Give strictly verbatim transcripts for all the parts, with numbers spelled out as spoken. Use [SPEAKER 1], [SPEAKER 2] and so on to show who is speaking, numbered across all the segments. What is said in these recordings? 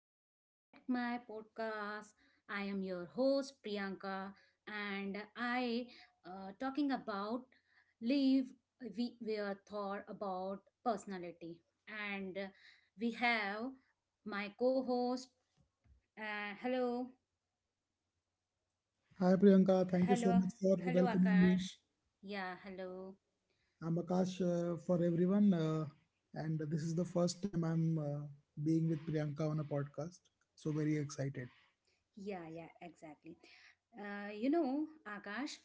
[SPEAKER 1] Welcome back to my podcast. I am your host Priyanka, and I uh, talking about leave. We we are thought about personality, and uh, we have my co-host. Uh, hello,
[SPEAKER 2] Hi Priyanka, thank you
[SPEAKER 1] hello,
[SPEAKER 2] so much for
[SPEAKER 1] hello,
[SPEAKER 2] welcoming me.
[SPEAKER 1] Akash. Yeah, hello.
[SPEAKER 2] I'm Akash uh, for everyone, uh, and this is the first time I'm uh, being with Priyanka on a podcast, so very excited.
[SPEAKER 1] Yeah, yeah, exactly. Uh, you know, Akash,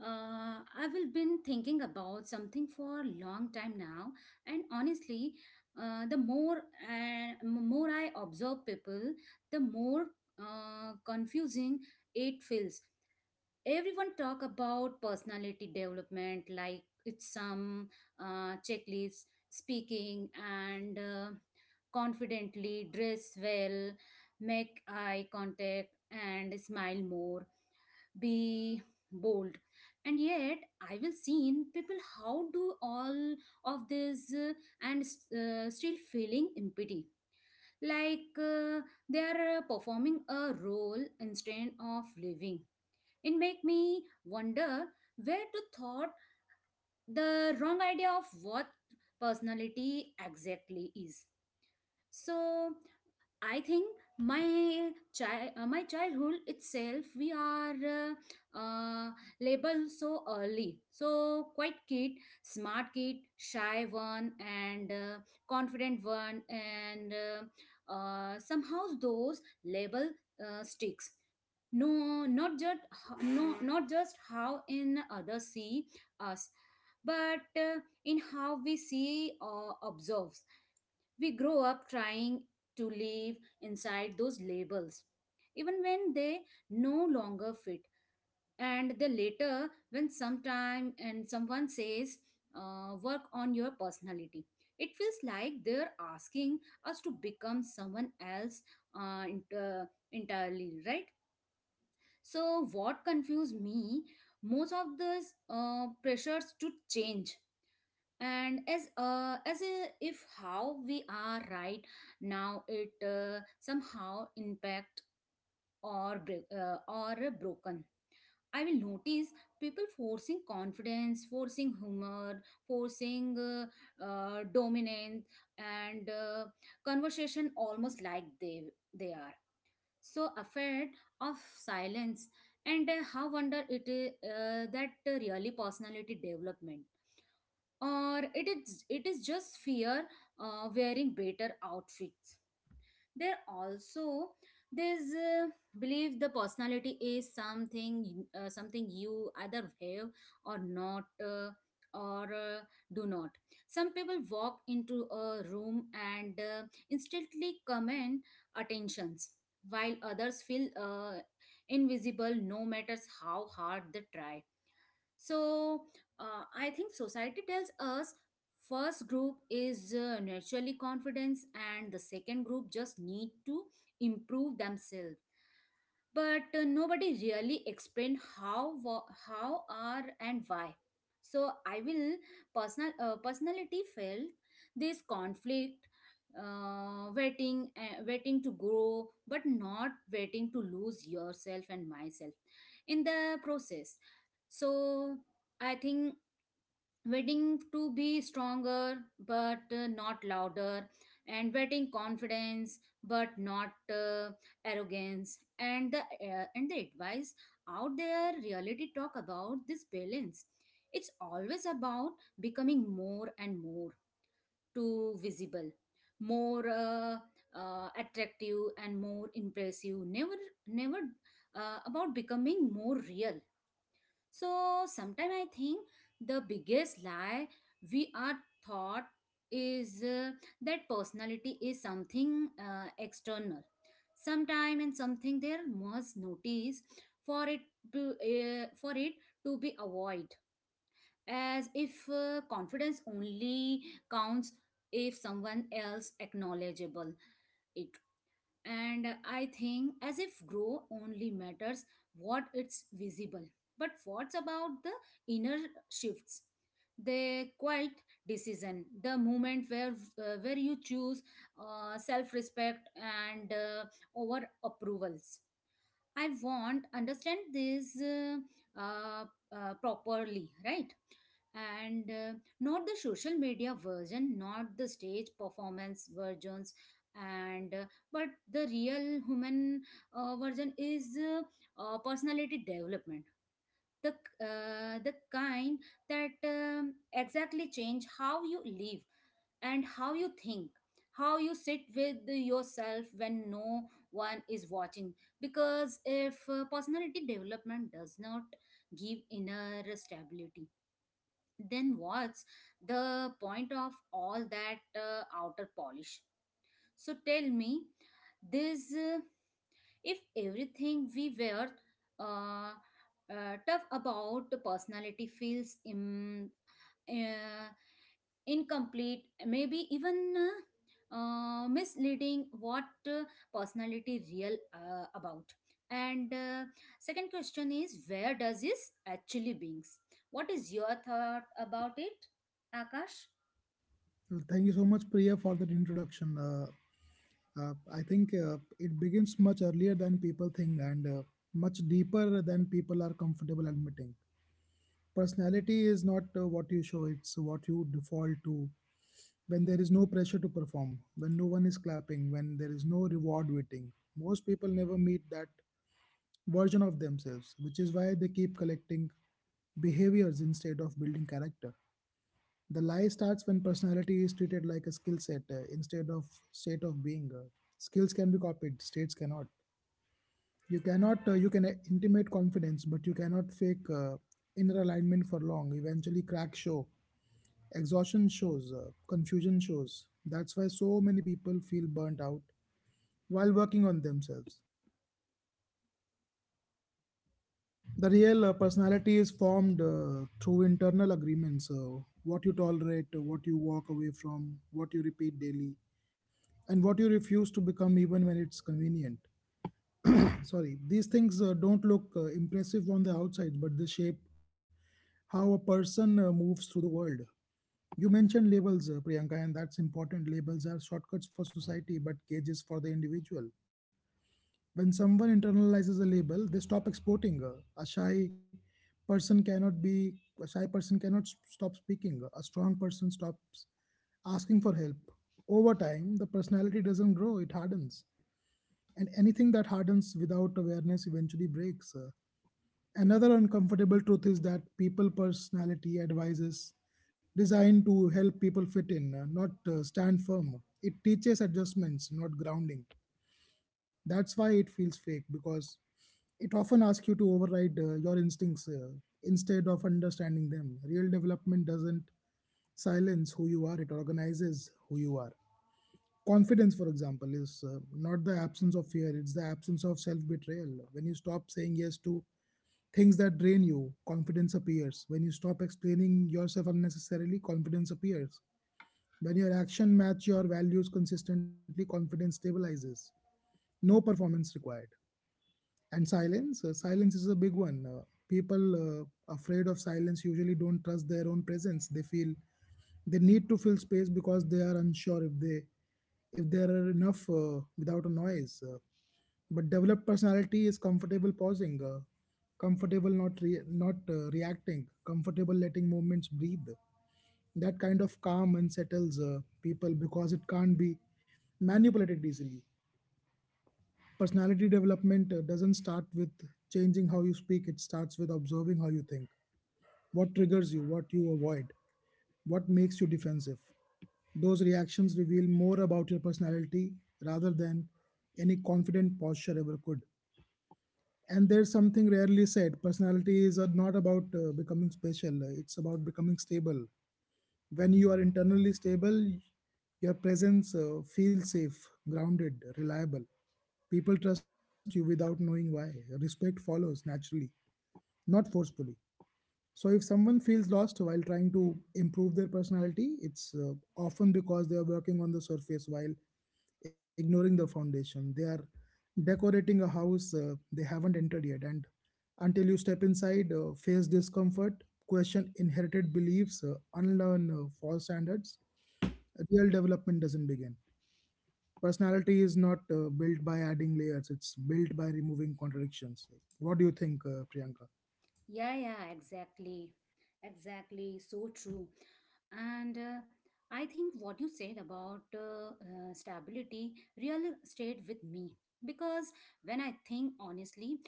[SPEAKER 1] uh, I will been thinking about something for a long time now, and honestly, uh, the more uh, m- more I observe people, the more uh, confusing it feels. Everyone talk about personality development like it's some uh, checklist, speaking and uh, confidently, dress well, make eye contact and smile more, be bold, and yet I will seen people how do all of this uh, and uh, still feeling empty, like uh, they are uh, performing a role instead of living. It make me wonder where to thought the wrong idea of what personality exactly is. So I think my child, uh, my childhood itself, we are uh, uh, labeled so early. So quite kid, smart kid, shy one, and uh, confident one, and uh, uh, somehow those label uh, sticks. No, not just no, not just how in others see us, but uh, in how we see or observe. We grow up trying to live inside those labels, even when they no longer fit. And then later, when sometime and someone says, uh, work on your personality, it feels like they're asking us to become someone else uh, ent- uh, entirely, right? So, what confused me most of those uh, pressures to change, and as uh, as a, if how we are right now, it uh, somehow impact or bre- uh, or broken. I will notice people forcing confidence, forcing humor, forcing uh, uh, dominance and uh, conversation, almost like they they are so afraid of silence. And uh, how wonder it uh, that really personality development, or it is it is just fear uh, wearing better outfits. There also there's uh, believe the personality is something uh, something you either have or not uh, or uh, do not. Some people walk into a room and uh, instantly command attentions, while others feel uh, invisible, no matters how hard they try. So uh, I think society tells us first group is uh, naturally confidence, and the second group just need to improve themselves. But uh, nobody really explained how wa- how are and why. So I will personal uh, personality felt this conflict, uh, waiting uh, waiting to grow but not waiting to lose yourself and myself in the process. So I think wedding to be stronger but uh, not louder, and wedding confidence but not uh, arrogance. And the uh, and the advice out there reality talk about this balance. It's always about becoming more and more too visible, more uh, uh, attractive and more impressive. Never never uh, about becoming more real. So sometimes I think the biggest lie we are taught is uh, that personality is something uh, external, sometime and something there must notice for it to uh, for it to be avoid. As if uh, confidence only counts if someone else acknowledgeable it. And I think as if grow only matters what it's visible, but what's about the inner shifts, the quiet decision, the moment where uh, where you choose uh, self respect and uh, over approvals. I want understand this uh, uh, uh, properly, right? And uh, not the social media version, not the stage performance versions, and uh, but the real human uh, version is uh, uh, personality development, the uh, the kind that um, exactly change how you live and how you think, how you sit with yourself when no one is watching. Because if uh, personality development does not give inner stability, then what's the point of all that uh, outer polish? So tell me this uh, if everything we were uh, uh, tough about personality feels Im- uh, incomplete, maybe even uh, uh, misleading, what uh, personality real uh, about? And uh, second question is where does this actually beings? What is your thought about it, Akash?
[SPEAKER 2] Uh, Thank you so much, Priya, for that introduction. Uh, uh, I think uh, it begins much earlier than people think, and uh, much deeper than people are comfortable admitting. Personality is not uh, what you show, it's what you default to. When there is no pressure to perform, when no one is clapping, when there is no reward waiting, most people never meet that version of themselves, which is why they keep collecting behaviors instead of building character. The lie starts when personality is treated like a skill set uh, instead of state of being. Uh, skills can be copied, states cannot. You cannot, uh, you can uh, intimate confidence, but you cannot fake uh, inner alignment for long. Eventually, cracks show. Exhaustion shows, uh, confusion shows. That's why so many people feel burnt out while working on themselves. The real uh, personality is formed uh, through internal agreements: uh, what you tolerate, uh, what you walk away from, what you repeat daily, and what you refuse to become even when it's convenient. Sorry, these things uh, don't look uh, impressive on the outside, but they shape how a person uh, moves through the world. You mentioned labels, uh, Priyanka, and that's important. Labels are shortcuts for society but cages for the individual. When someone internalizes a label, they stop exporting. Uh, A shy person cannot be a shy person cannot s- stop speaking. A strong person stops asking for help. Over time, the personality doesn't grow, it hardens. And anything that hardens without awareness eventually breaks. uh, Another uncomfortable truth is that people personality advice is designed to help people fit in, uh, not uh, stand firm. It teaches adjustments, not grounding. That's why it feels fake, because it often asks you to override uh, your instincts uh, instead of understanding them. Real development doesn't silence who you are, it organizes who you are. Confidence, for example, is uh, not the absence of fear, it's the absence of self betrayal. When you stop saying yes to things that drain you, confidence appears. When you stop explaining yourself unnecessarily, confidence appears. When your action match your values consistently, confidence stabilizes. No performance required. And silence, uh, silence is a big one. Uh, people uh, afraid of silence usually don't trust their own presence. They feel they need to fill space because they are unsure if they if there are enough uh, without a noise. Uh, but developed personality is comfortable pausing, uh, comfortable not re- not uh, reacting, comfortable letting movements breathe. That kind of calm unsettles uh, people because it can't be manipulated easily. Personality development uh, doesn't start with changing how you speak. It starts with observing how you think. What triggers you? What you avoid? What makes you defensive? Those reactions reveal more about your personality rather than any confident posture ever could. And there's something rarely said: personality is uh, not about uh, becoming special, uh, it's about becoming stable. When you are internally stable, your presence uh, feels safe, grounded, reliable. People trust you without knowing why. Respect follows naturally, not forcefully. So, if someone feels lost while trying to improve their personality, it's uh, often because they are working on the surface while ignoring the foundation. They are decorating a house uh, they haven't entered yet. And until you step inside, uh, face discomfort, question inherited beliefs, uh, unlearn uh, false standards, real development doesn't begin. Personality is not uh, built by adding layers, it's built by removing contradictions. What do you think, uh, Priyanka?
[SPEAKER 1] Yeah, yeah, exactly. Exactly. So true. And uh, I think what you said about uh, uh, stability really stayed with me, because when I think honestly,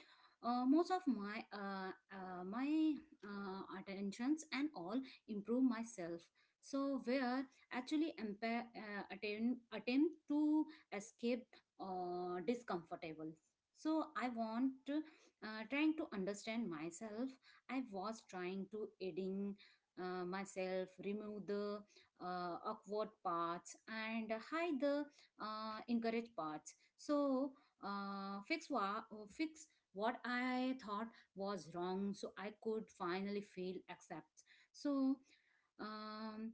[SPEAKER 1] uh, most of my uh, uh, my uh, attentions and all improve myself. So where actually empa- uh, attempt attempt to escape uh, discomfortable. So I want uh, trying to understand myself. I was trying to edit uh, myself, remove the uh, awkward parts and hide the uh, encourage parts. So uh, fix what fix what I thought was wrong, so I could finally feel accept. So um,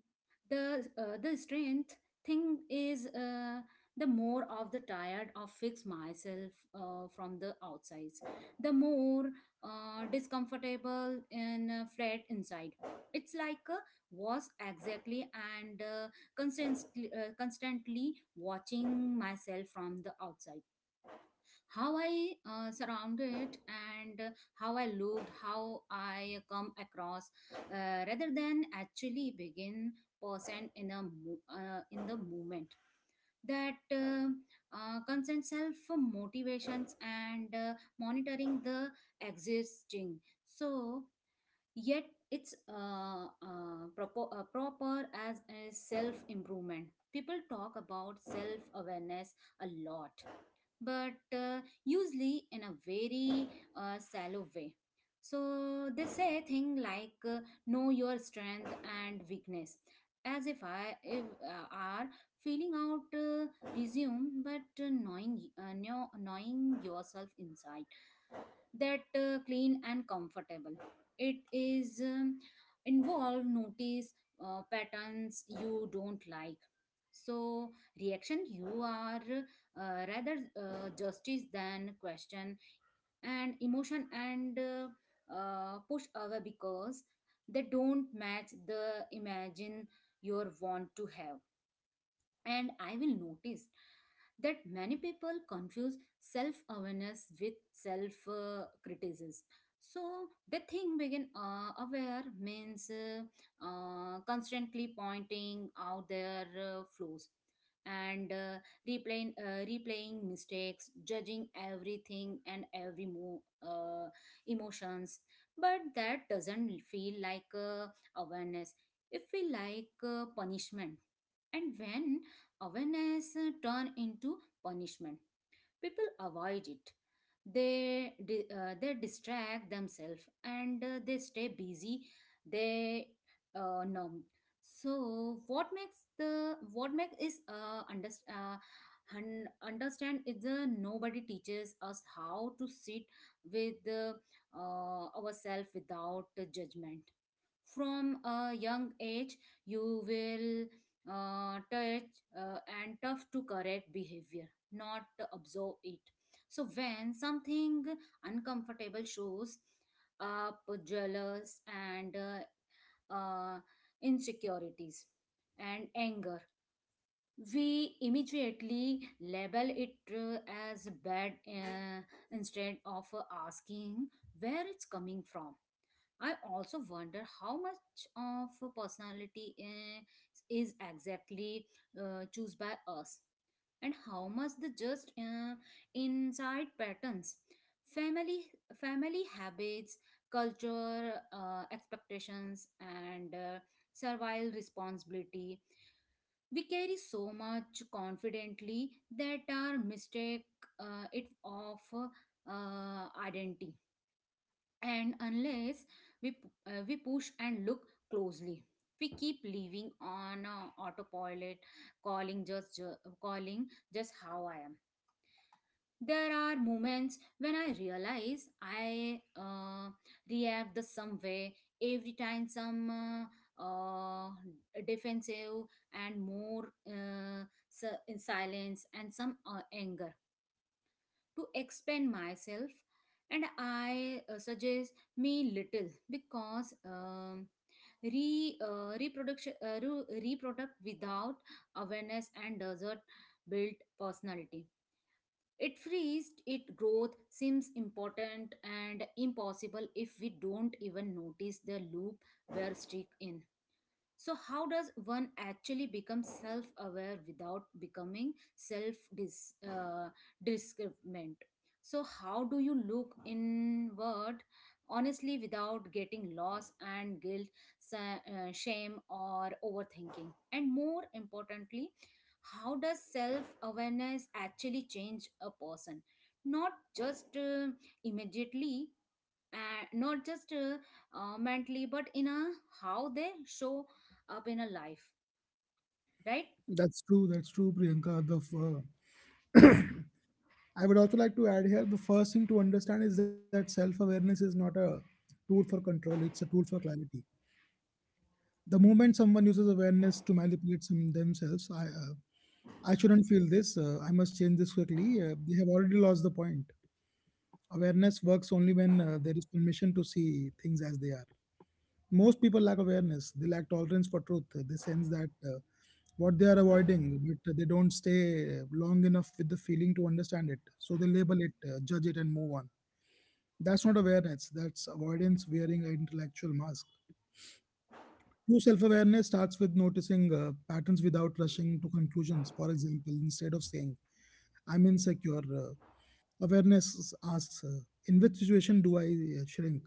[SPEAKER 1] the uh, the strength thing is uh, the more of the tired of fix myself uh, from the outsides, the more uh, discomfortable and uh, flat inside. It's like uh, was exactly, and uh, constantly uh, constantly watching myself from the outside. How I uh, surrounded and uh, how I looked, how I come across, uh, rather than actually begin person in a mo- uh, in the moment that um uh, concern self motivations and uh, monitoring the existing. So yet it's uh, uh, propo- uh, proper as a self improvement. People talk about self awareness a lot, but uh, usually in a very uh, shallow way. So they say thing like uh, know your strength and weakness, as if I if, uh, are feeling out uh, resume, but uh, knowing uh, know, knowing yourself inside, that uh, clean and comfortable, it is um, involve notice uh, patterns you don't like. So reaction you are uh, rather uh, justice than question, and emotion and uh, uh, push away because they don't match the imagine you want to have. And I will notice that many people confuse self awareness with self uh, criticism. So the thing begin uh, aware means uh, uh, constantly pointing out their uh, flaws and uh, replaying uh, replaying mistakes, judging everything and every move, uh, emotions. But that doesn't feel like uh, awareness. It feel like uh, punishment. And when awareness uh, turn into punishment, people avoid it. They di- uh, they distract themselves and uh, they stay busy, they uh, numb. So what makes the what makes is uh, under, uh, un- understand is the nobody teaches us how to sit with uh, ourselves without judgment. From a young age, you will uh, touch uh, and tough to correct behavior, not absorb it. So when something uncomfortable shows up, jealous and uh, uh, insecurities and anger, we immediately label it uh, as bad, uh, instead of uh, asking where it's coming from. I also wonder how much of a personality eh, is exactly uh, choose by us, and how much the just uh, inside patterns, family family habits, culture uh, expectations, and uh, servile responsibility we carry so much confidently that our mistake uh, it of uh, identity. And unless we p- uh, we push and look closely, we keep living on uh, autopilot, calling just ju- calling just how I am. There are moments when I realize I uh, react the some way every time, some uh, uh, defensive and more uh, si- in silence and some uh, anger to expand myself. And I uh, suggest me little because um, re uh, reproduction uh, re- reproduct without awareness and desert built personality. It frees it growth seems important and impossible if we don't even notice the loop we're stuck in. So, how does one actually become self aware without becoming self dis uh, discriminant? So, how do you look inward honestly without getting lost and guilt, sa- uh, shame, or overthinking? And more importantly, how does self awareness actually change a person? Not just uh, immediately, and not just uh, uh, mentally, but in a how they show up in a life, right?
[SPEAKER 2] That's true. That's true, Priyanka. The f- uh, I would also like to add here: the first thing to understand is that self awareness is not a tool for control, it's a tool for clarity. The moment someone uses awareness to manipulate some themselves — I, uh, I shouldn't feel this, uh, I must change this quickly — uh, they have already lost the point. Awareness works only when uh, there is permission to see things as they are. Most people lack awareness, they lack tolerance for truth. uh, They sense that uh, what they are avoiding, but they don't stay uh, long enough with the feeling to understand it. So they label it, uh, judge it, and move on. That's not awareness, that's avoidance wearing an intellectual mask. True self awareness starts with noticing uh, patterns without rushing to conclusions. For example, instead of saying, I'm insecure, uh, awareness asks, uh, in which situation do I uh, shrink?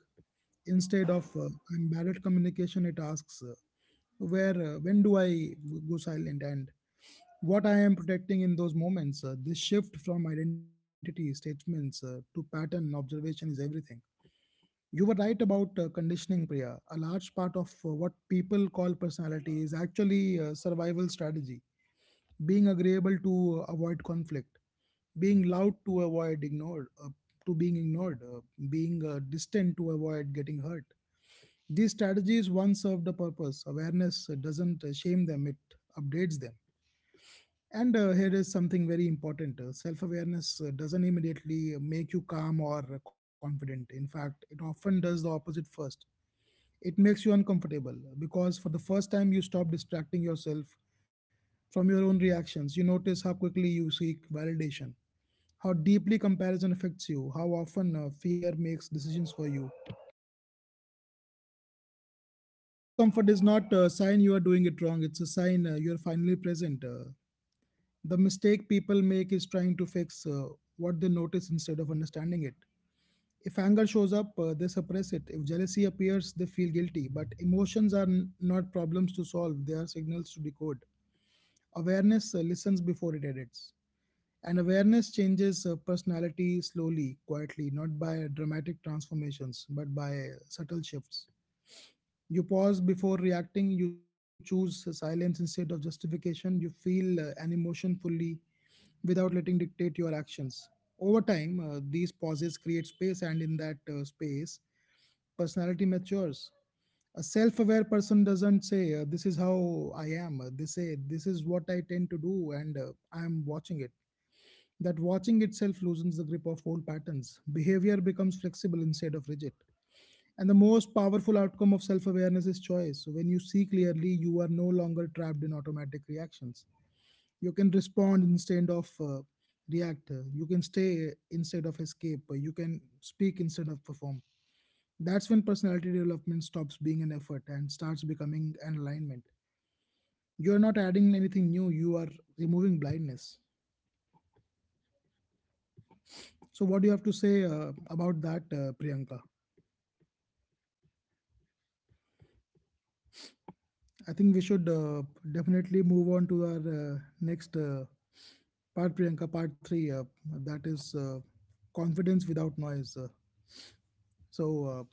[SPEAKER 2] Instead of, uh, I'm bad at communication, it asks, uh, where, uh, when do I go silent, and what I am protecting in those moments? Uh, this shift from identity statements uh, to pattern observation is everything. You were right about uh, conditioning, Priya. A large part of uh, what people call personality is actually uh, survival strategy. Being agreeable to uh, avoid conflict, being loud to avoid ignored, uh, to being ignored, uh, being uh, distant to avoid getting hurt. These strategies once served a purpose. Awareness uh, doesn't uh, shame them; it updates them. And uh, here is something very important. Uh, self-awareness uh, doesn't immediately make you calm or confident. In fact, it often does the opposite first: it makes you uncomfortable, because for the first time you stop distracting yourself from your own reactions. You notice how quickly you seek validation, how deeply comparison affects you, how often uh, fear makes decisions for you. Discomfort is not a sign you are doing it wrong, it's a sign uh, you're finally present. Uh, the mistake people make is trying to fix uh, what they notice instead of understanding it. If anger shows up, uh, they suppress it. If jealousy appears, they feel guilty. But emotions are n- not problems to solve, they are signals to decode. Awareness uh, listens before it edits. And awareness changes uh, personality slowly, quietly, not by dramatic transformations, but by uh, subtle shifts. You pause before reacting, you choose silence instead of justification, you feel uh, an emotion fully without letting dictate your actions. Over time, uh, these pauses create space, and in that uh, space, personality matures. A self aware person doesn't say, uh, this is how I am. Uh, They say, this is what I tend to do, and uh, I'm watching it. That watching itself loosens the grip of old patterns. Behavior becomes flexible instead of rigid. And the most powerful outcome of self awareness is choice. So, when you see clearly, you are no longer trapped in automatic reactions. You can respond instead of uh, react. You can stay instead of escape. You can speak instead of perform. That's when personality development stops being an effort and starts becoming an alignment. You're not adding anything new, you are removing blindness. So, what do you have to say uh, about that, uh, Priyanka? I think we should uh, definitely move on to our uh, next. Uh, Part Priyanka, part three, uh, that is uh, confidence without noise. Uh, so, uh,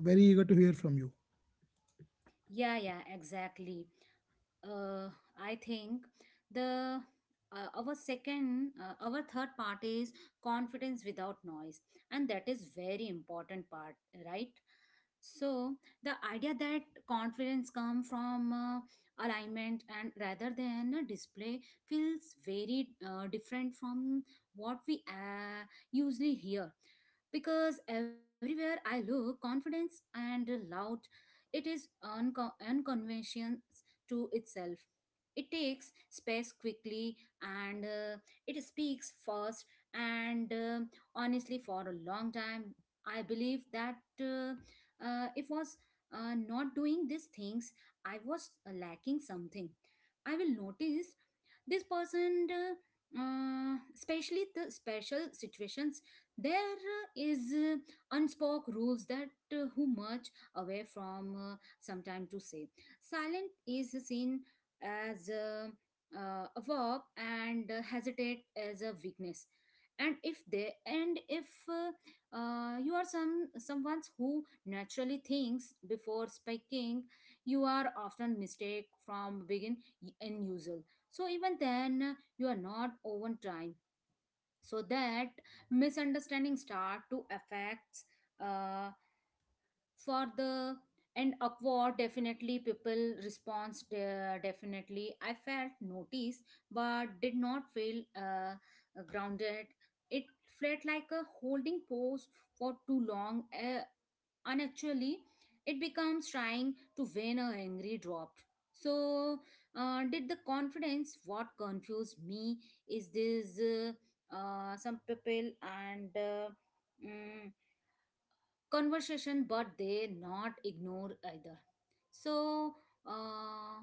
[SPEAKER 2] very eager to hear from you.
[SPEAKER 1] Yeah, yeah, exactly. uh, I think the uh, our second uh, our third part is confidence without noise, and that is very important part, right? So the idea that confidence come from uh, alignment and rather than a display feels very uh, different from what we uh, usually hear, because everywhere I look confidence and loud. It is unco- unconventional to itself. It takes space quickly, and uh, it speaks fast, and uh, honestly for a long time I believe that uh, uh, if was uh, not doing these things, I was uh, lacking something. I will notice this person uh, uh, especially the special situations. There uh, is uh, unspoke rules that uh, who much away from uh, sometime to say silent is seen as uh, uh, a verb and uh, hesitate as a weakness. And if they and if uh, uh, you are some someone who naturally thinks before speaking, you are often mistake from begin in usual. So even then, uh, you are not over time. So that misunderstanding start to affects. uh, for the and awkward definitely, people response de- definitely I felt noticed, but did not feel uh, grounded. It felt like a holding pose for too long, uh, and actually it becomes trying to win a angry drop so uh, did the confidence what confused me is this uh, uh, some people and uh, mm, conversation but they not ignore either so uh,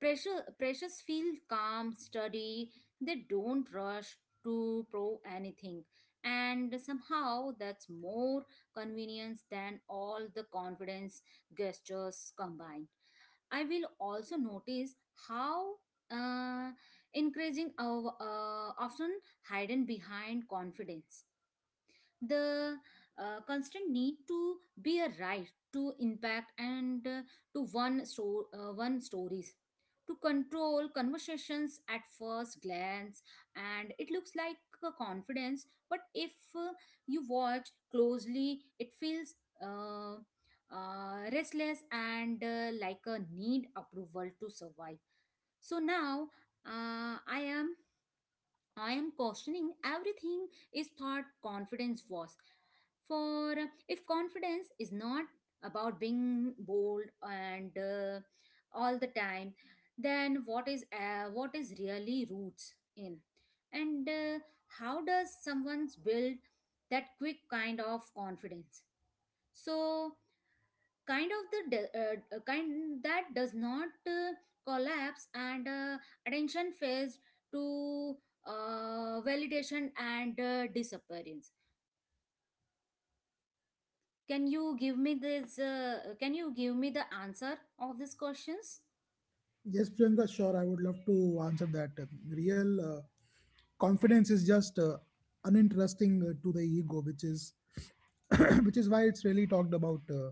[SPEAKER 1] precious precious feel calm study, they don't rush to prove anything, and somehow that's more convenience than all the confidence gestures combined. I will also notice how uh, encouraging uh, uh, often hidden behind confidence, the uh, constant need to be a right to impact and uh, to one sto- uh, one stories to control conversations at first glance, and it looks like a confidence, but if uh, you watch closely it feels uh, uh, restless and uh, like a need approval to survive. So now, uh, i am I am questioning everything is thought confidence was. For if confidence is not about being bold and uh, all the time, then what is uh, what is really roots in, and uh, how does someone build that quick kind of confidence? So kind of the de- uh, kind that does not uh, collapse and uh, attention phase to uh, validation and uh, disappearance. Can you give me this uh, can you give me the answer of these questions?
[SPEAKER 2] Yes, Priyanka, sure, I would love to answer that. Uh, Real uh, confidence is just uh, uninteresting uh, to the ego, which is which is why it's really talked about. uh,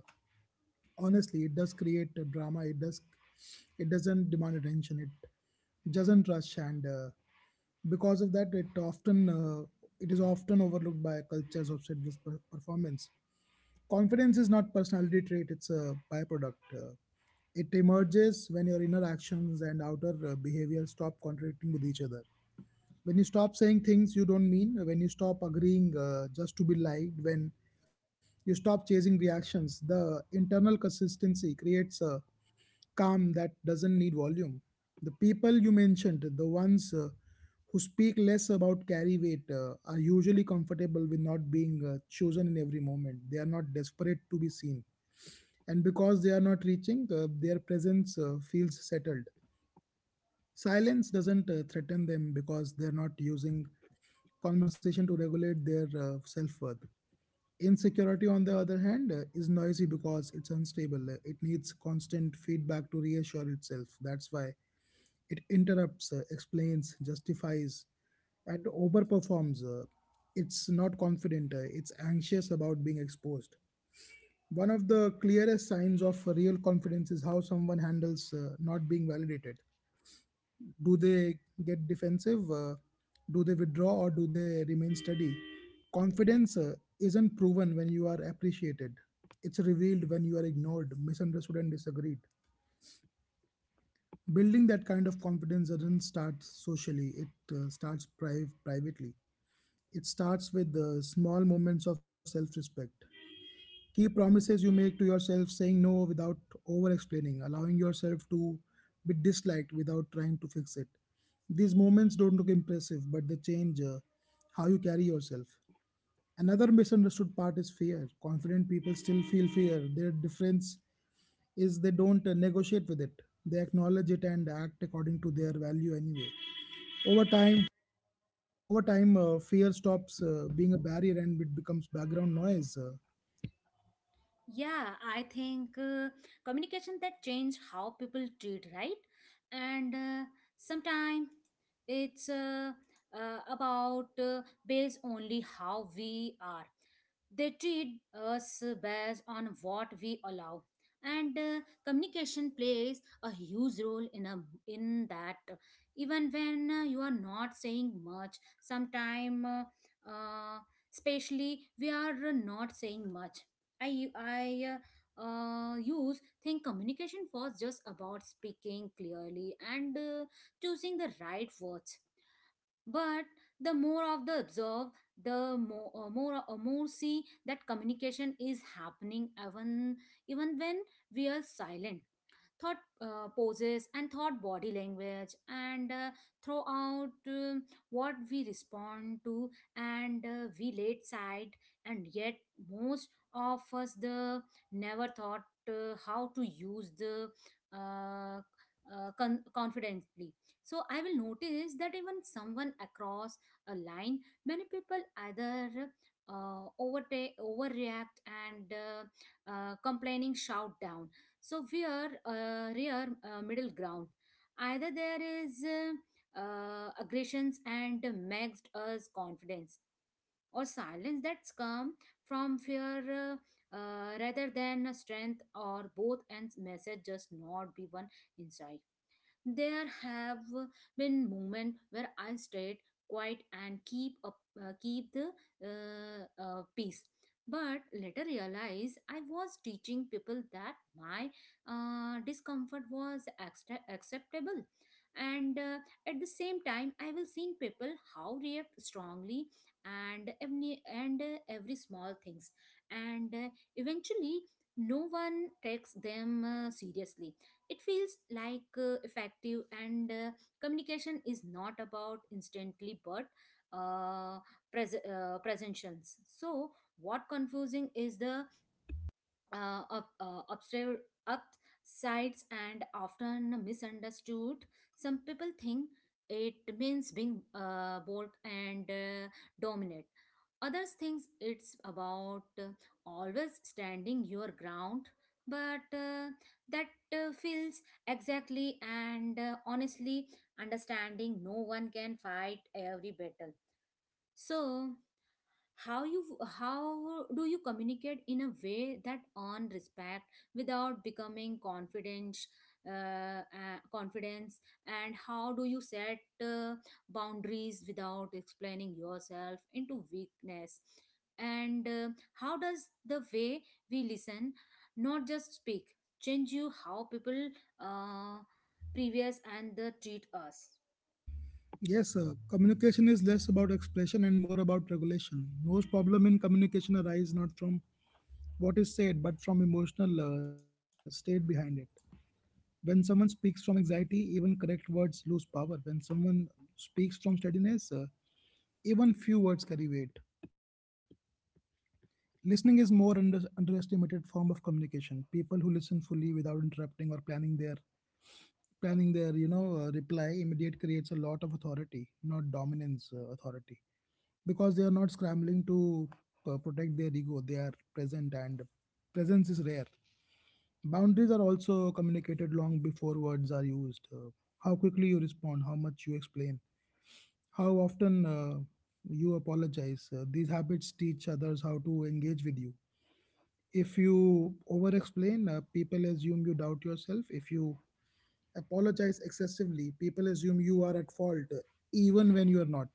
[SPEAKER 2] Honestly, it does create a drama, it does, it doesn't demand attention, it doesn't rush, and uh, because of that it often uh, it is often overlooked by cultures obsessed with per- performance. Confidence is not personality trait, it's a byproduct. Uh, it emerges when your inner actions and outer uh, behavior stop contradicting with each other. When you stop saying things you don't mean, when you stop agreeing uh, just to be liked, when you stop chasing reactions, the internal consistency creates a calm that doesn't need volume. The people you mentioned, the ones uh, who speak less about carry weight uh, are usually comfortable with not being uh, chosen in every moment. They are not desperate to be seen, and because they are not reaching, uh, their presence uh, feels settled. Silence doesn't uh, threaten them because they're not using conversation to regulate their uh, self worth. Insecurity, on the other hand, uh, is noisy because it's unstable. Uh, It needs constant feedback to reassure itself. That's why it interrupts, uh, explains, justifies, and overperforms. Uh, it's not confident, uh, it's anxious about being exposed. One of the clearest signs of real confidence is how someone handles uh, not being validated. Do they get defensive, uh, do they withdraw, or do they remain steady? Confidence uh, isn't proven when you are appreciated, it's revealed when you are ignored, misunderstood and disagreed. Building that kind of confidence doesn't start socially, it uh, starts pri- privately. It starts with the small moments of self-respect. Key promises you make to yourself, saying no without over explaining, allowing yourself to be disliked without trying to fix it. These moments don't look impressive, but they change uh, how you carry yourself. Another misunderstood part is fear. Confident people still feel fear. Their difference is they don't uh, negotiate with it. They acknowledge it and act according to their value anyway. Over time, over time, uh, fear stops uh, being a barrier and it becomes background noise. Uh,
[SPEAKER 1] Yeah, I think uh, communication that change how people treat, right? And uh, sometimes it's uh, uh, about uh, based only how we are. They treat us based on what we allow. And uh, communication plays a huge role in a in that. Even when uh, you are not saying much, sometimes, uh, uh, especially we are not saying much. I u- I uh, uh, use think communication was just about speaking clearly and uh, choosing the right words. But the more of the observe, the more uh, more uh, more see that communication is happening even even when we are silent, thought uh, poses and thought body language and uh, throughout um, what we respond to, and uh, we laid side. And yet most of us the never thought uh, how to use the uh, uh, con- confidently. So I will notice that even someone across a line, many people either uh, overtake overreact and uh, uh, complaining shout down. So we are a rare uh, middle ground. Either there is uh, uh, aggressions and maxed us confidence, or silence that's come from fear uh, uh, rather than a strength, or both, and message just not be one inside. There have been moments where I stayed quiet and keep up, uh, keep the uh, uh, peace. But later realized I was teaching people that my uh, discomfort was extra acceptable, and uh, at the same time I will seen people how react strongly and every and uh, every small things, and uh, eventually no one takes them uh, seriously. It feels like uh, effective, and uh, communication is not about instantly but uh, pres- uh, presentations. So, what confusing is the uh, up, uh, upstairs, upsides and often misunderstood. Some people think it means being uh, bold and uh, dominant. Others think it's about uh, always standing your ground, but uh, that uh, feels exactly and uh, honestly understanding no one can fight every battle. So, how you how do you communicate in a way that earn respect without becoming confident uh, uh, confidence? And how do you set uh, boundaries without explaining yourself into weakness? And uh, how does the way we listen, not just speak, change you how people uh, previous and the treat us?
[SPEAKER 2] Yes, uh, communication is less about expression and more about regulation. Most problem in communication arise not from what is said, but from emotional uh, state behind it. When someone speaks from anxiety, even correct words lose power. When someone speaks from steadiness, uh, even few words carry weight. Listening is more under, underestimated form of communication. People who listen fully without interrupting or planning their planning their you know uh, reply immediate creates a lot of authority, not dominance, uh, authority. Because they are not scrambling to uh, protect their ego, they are present, and presence is rare. Boundaries are also communicated long before words are used. Uh, how quickly you respond, how much you explain, how often uh, you apologize, uh, these habits teach others how to engage with you. If you over explain, uh, people assume you doubt yourself. If you apologize excessively, people assume you are at fault, uh, even when you are not.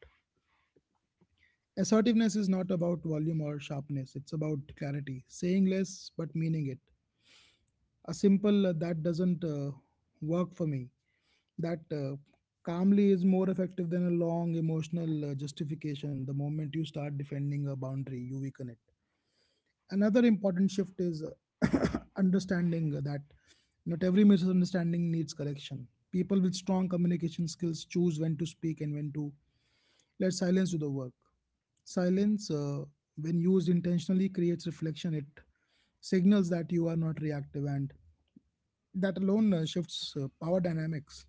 [SPEAKER 2] Assertiveness is not about volume or sharpness, it's about clarity, saying less but meaning it. A simple, uh, that doesn't uh, work for me, that uh, calmly is more effective than a long emotional uh, justification. The moment you start defending a boundary, you weaken it. Another important shift is uh, understanding that not every misunderstanding needs correction. People with strong communication skills choose when to speak and when to let silence do the work. Silence, uh, when used intentionally, creates reflection. It signals that you are not reactive, and that alone uh, shifts uh, power dynamics.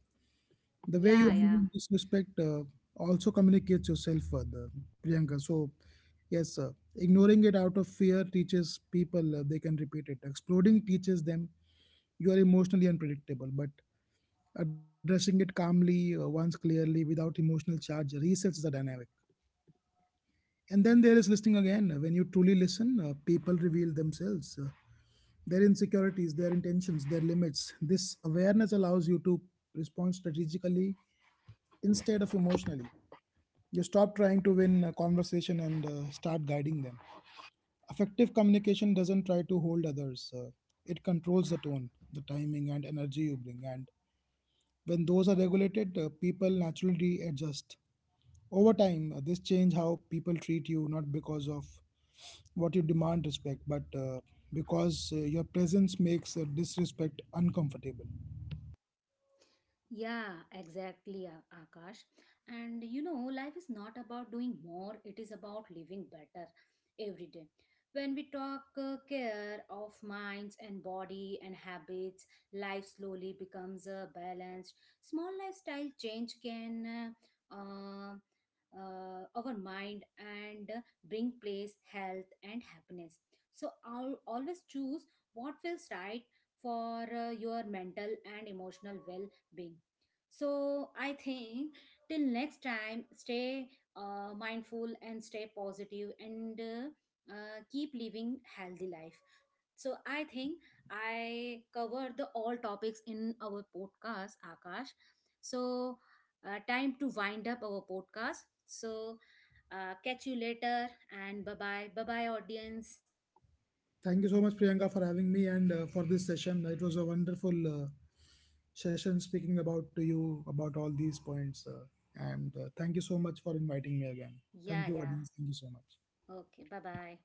[SPEAKER 2] The way you
[SPEAKER 1] Yeah, yeah.
[SPEAKER 2] handle disrespect uh, also communicates yourself further, Priyanka. So, yes, uh, ignoring it out of fear teaches people uh, they can repeat it. Exploding teaches them you are emotionally unpredictable, but addressing it calmly, uh, once clearly, without emotional charge, resets the dynamic. And then there is listening again. When you truly listen, uh, people reveal themselves, uh, their insecurities, their intentions, their limits. This awareness allows you to respond strategically instead of emotionally. You stop trying to win a conversation and uh, start guiding them. Effective communication doesn't try to hold others, uh, it controls the tone, the timing, and energy you bring. And when those are regulated, uh, people naturally adjust. Over time, uh, this change how people treat you, not because of what you demand respect, but uh, because uh, your presence makes uh, disrespect uncomfortable.
[SPEAKER 1] Yeah, exactly, A- Akash. And you know, life is not about doing more, it is about living better every day. When we talk uh, care of minds and body and habits, life slowly becomes uh, balanced. Small lifestyle change can uh, uh, uh, our mind and uh, bring place, health, and happiness. So, I'll always choose what feels right for uh, your mental and emotional well being. So I think till next time, stay uh, mindful and stay positive and uh, uh, keep living healthy life. So I think I covered the all topics in our podcast, Akash. So uh, time to wind up our podcast. So uh, catch you later and bye bye bye bye audience.
[SPEAKER 2] Thank you so much, Priyanka, for having me and uh, for this session. It was a wonderful uh, session speaking about to you about all these points. Uh, and uh, thank you so much for inviting me again. Thank
[SPEAKER 1] Yeah,
[SPEAKER 2] you,
[SPEAKER 1] yeah.
[SPEAKER 2] audience. Thank you so much.
[SPEAKER 1] Okay, bye bye.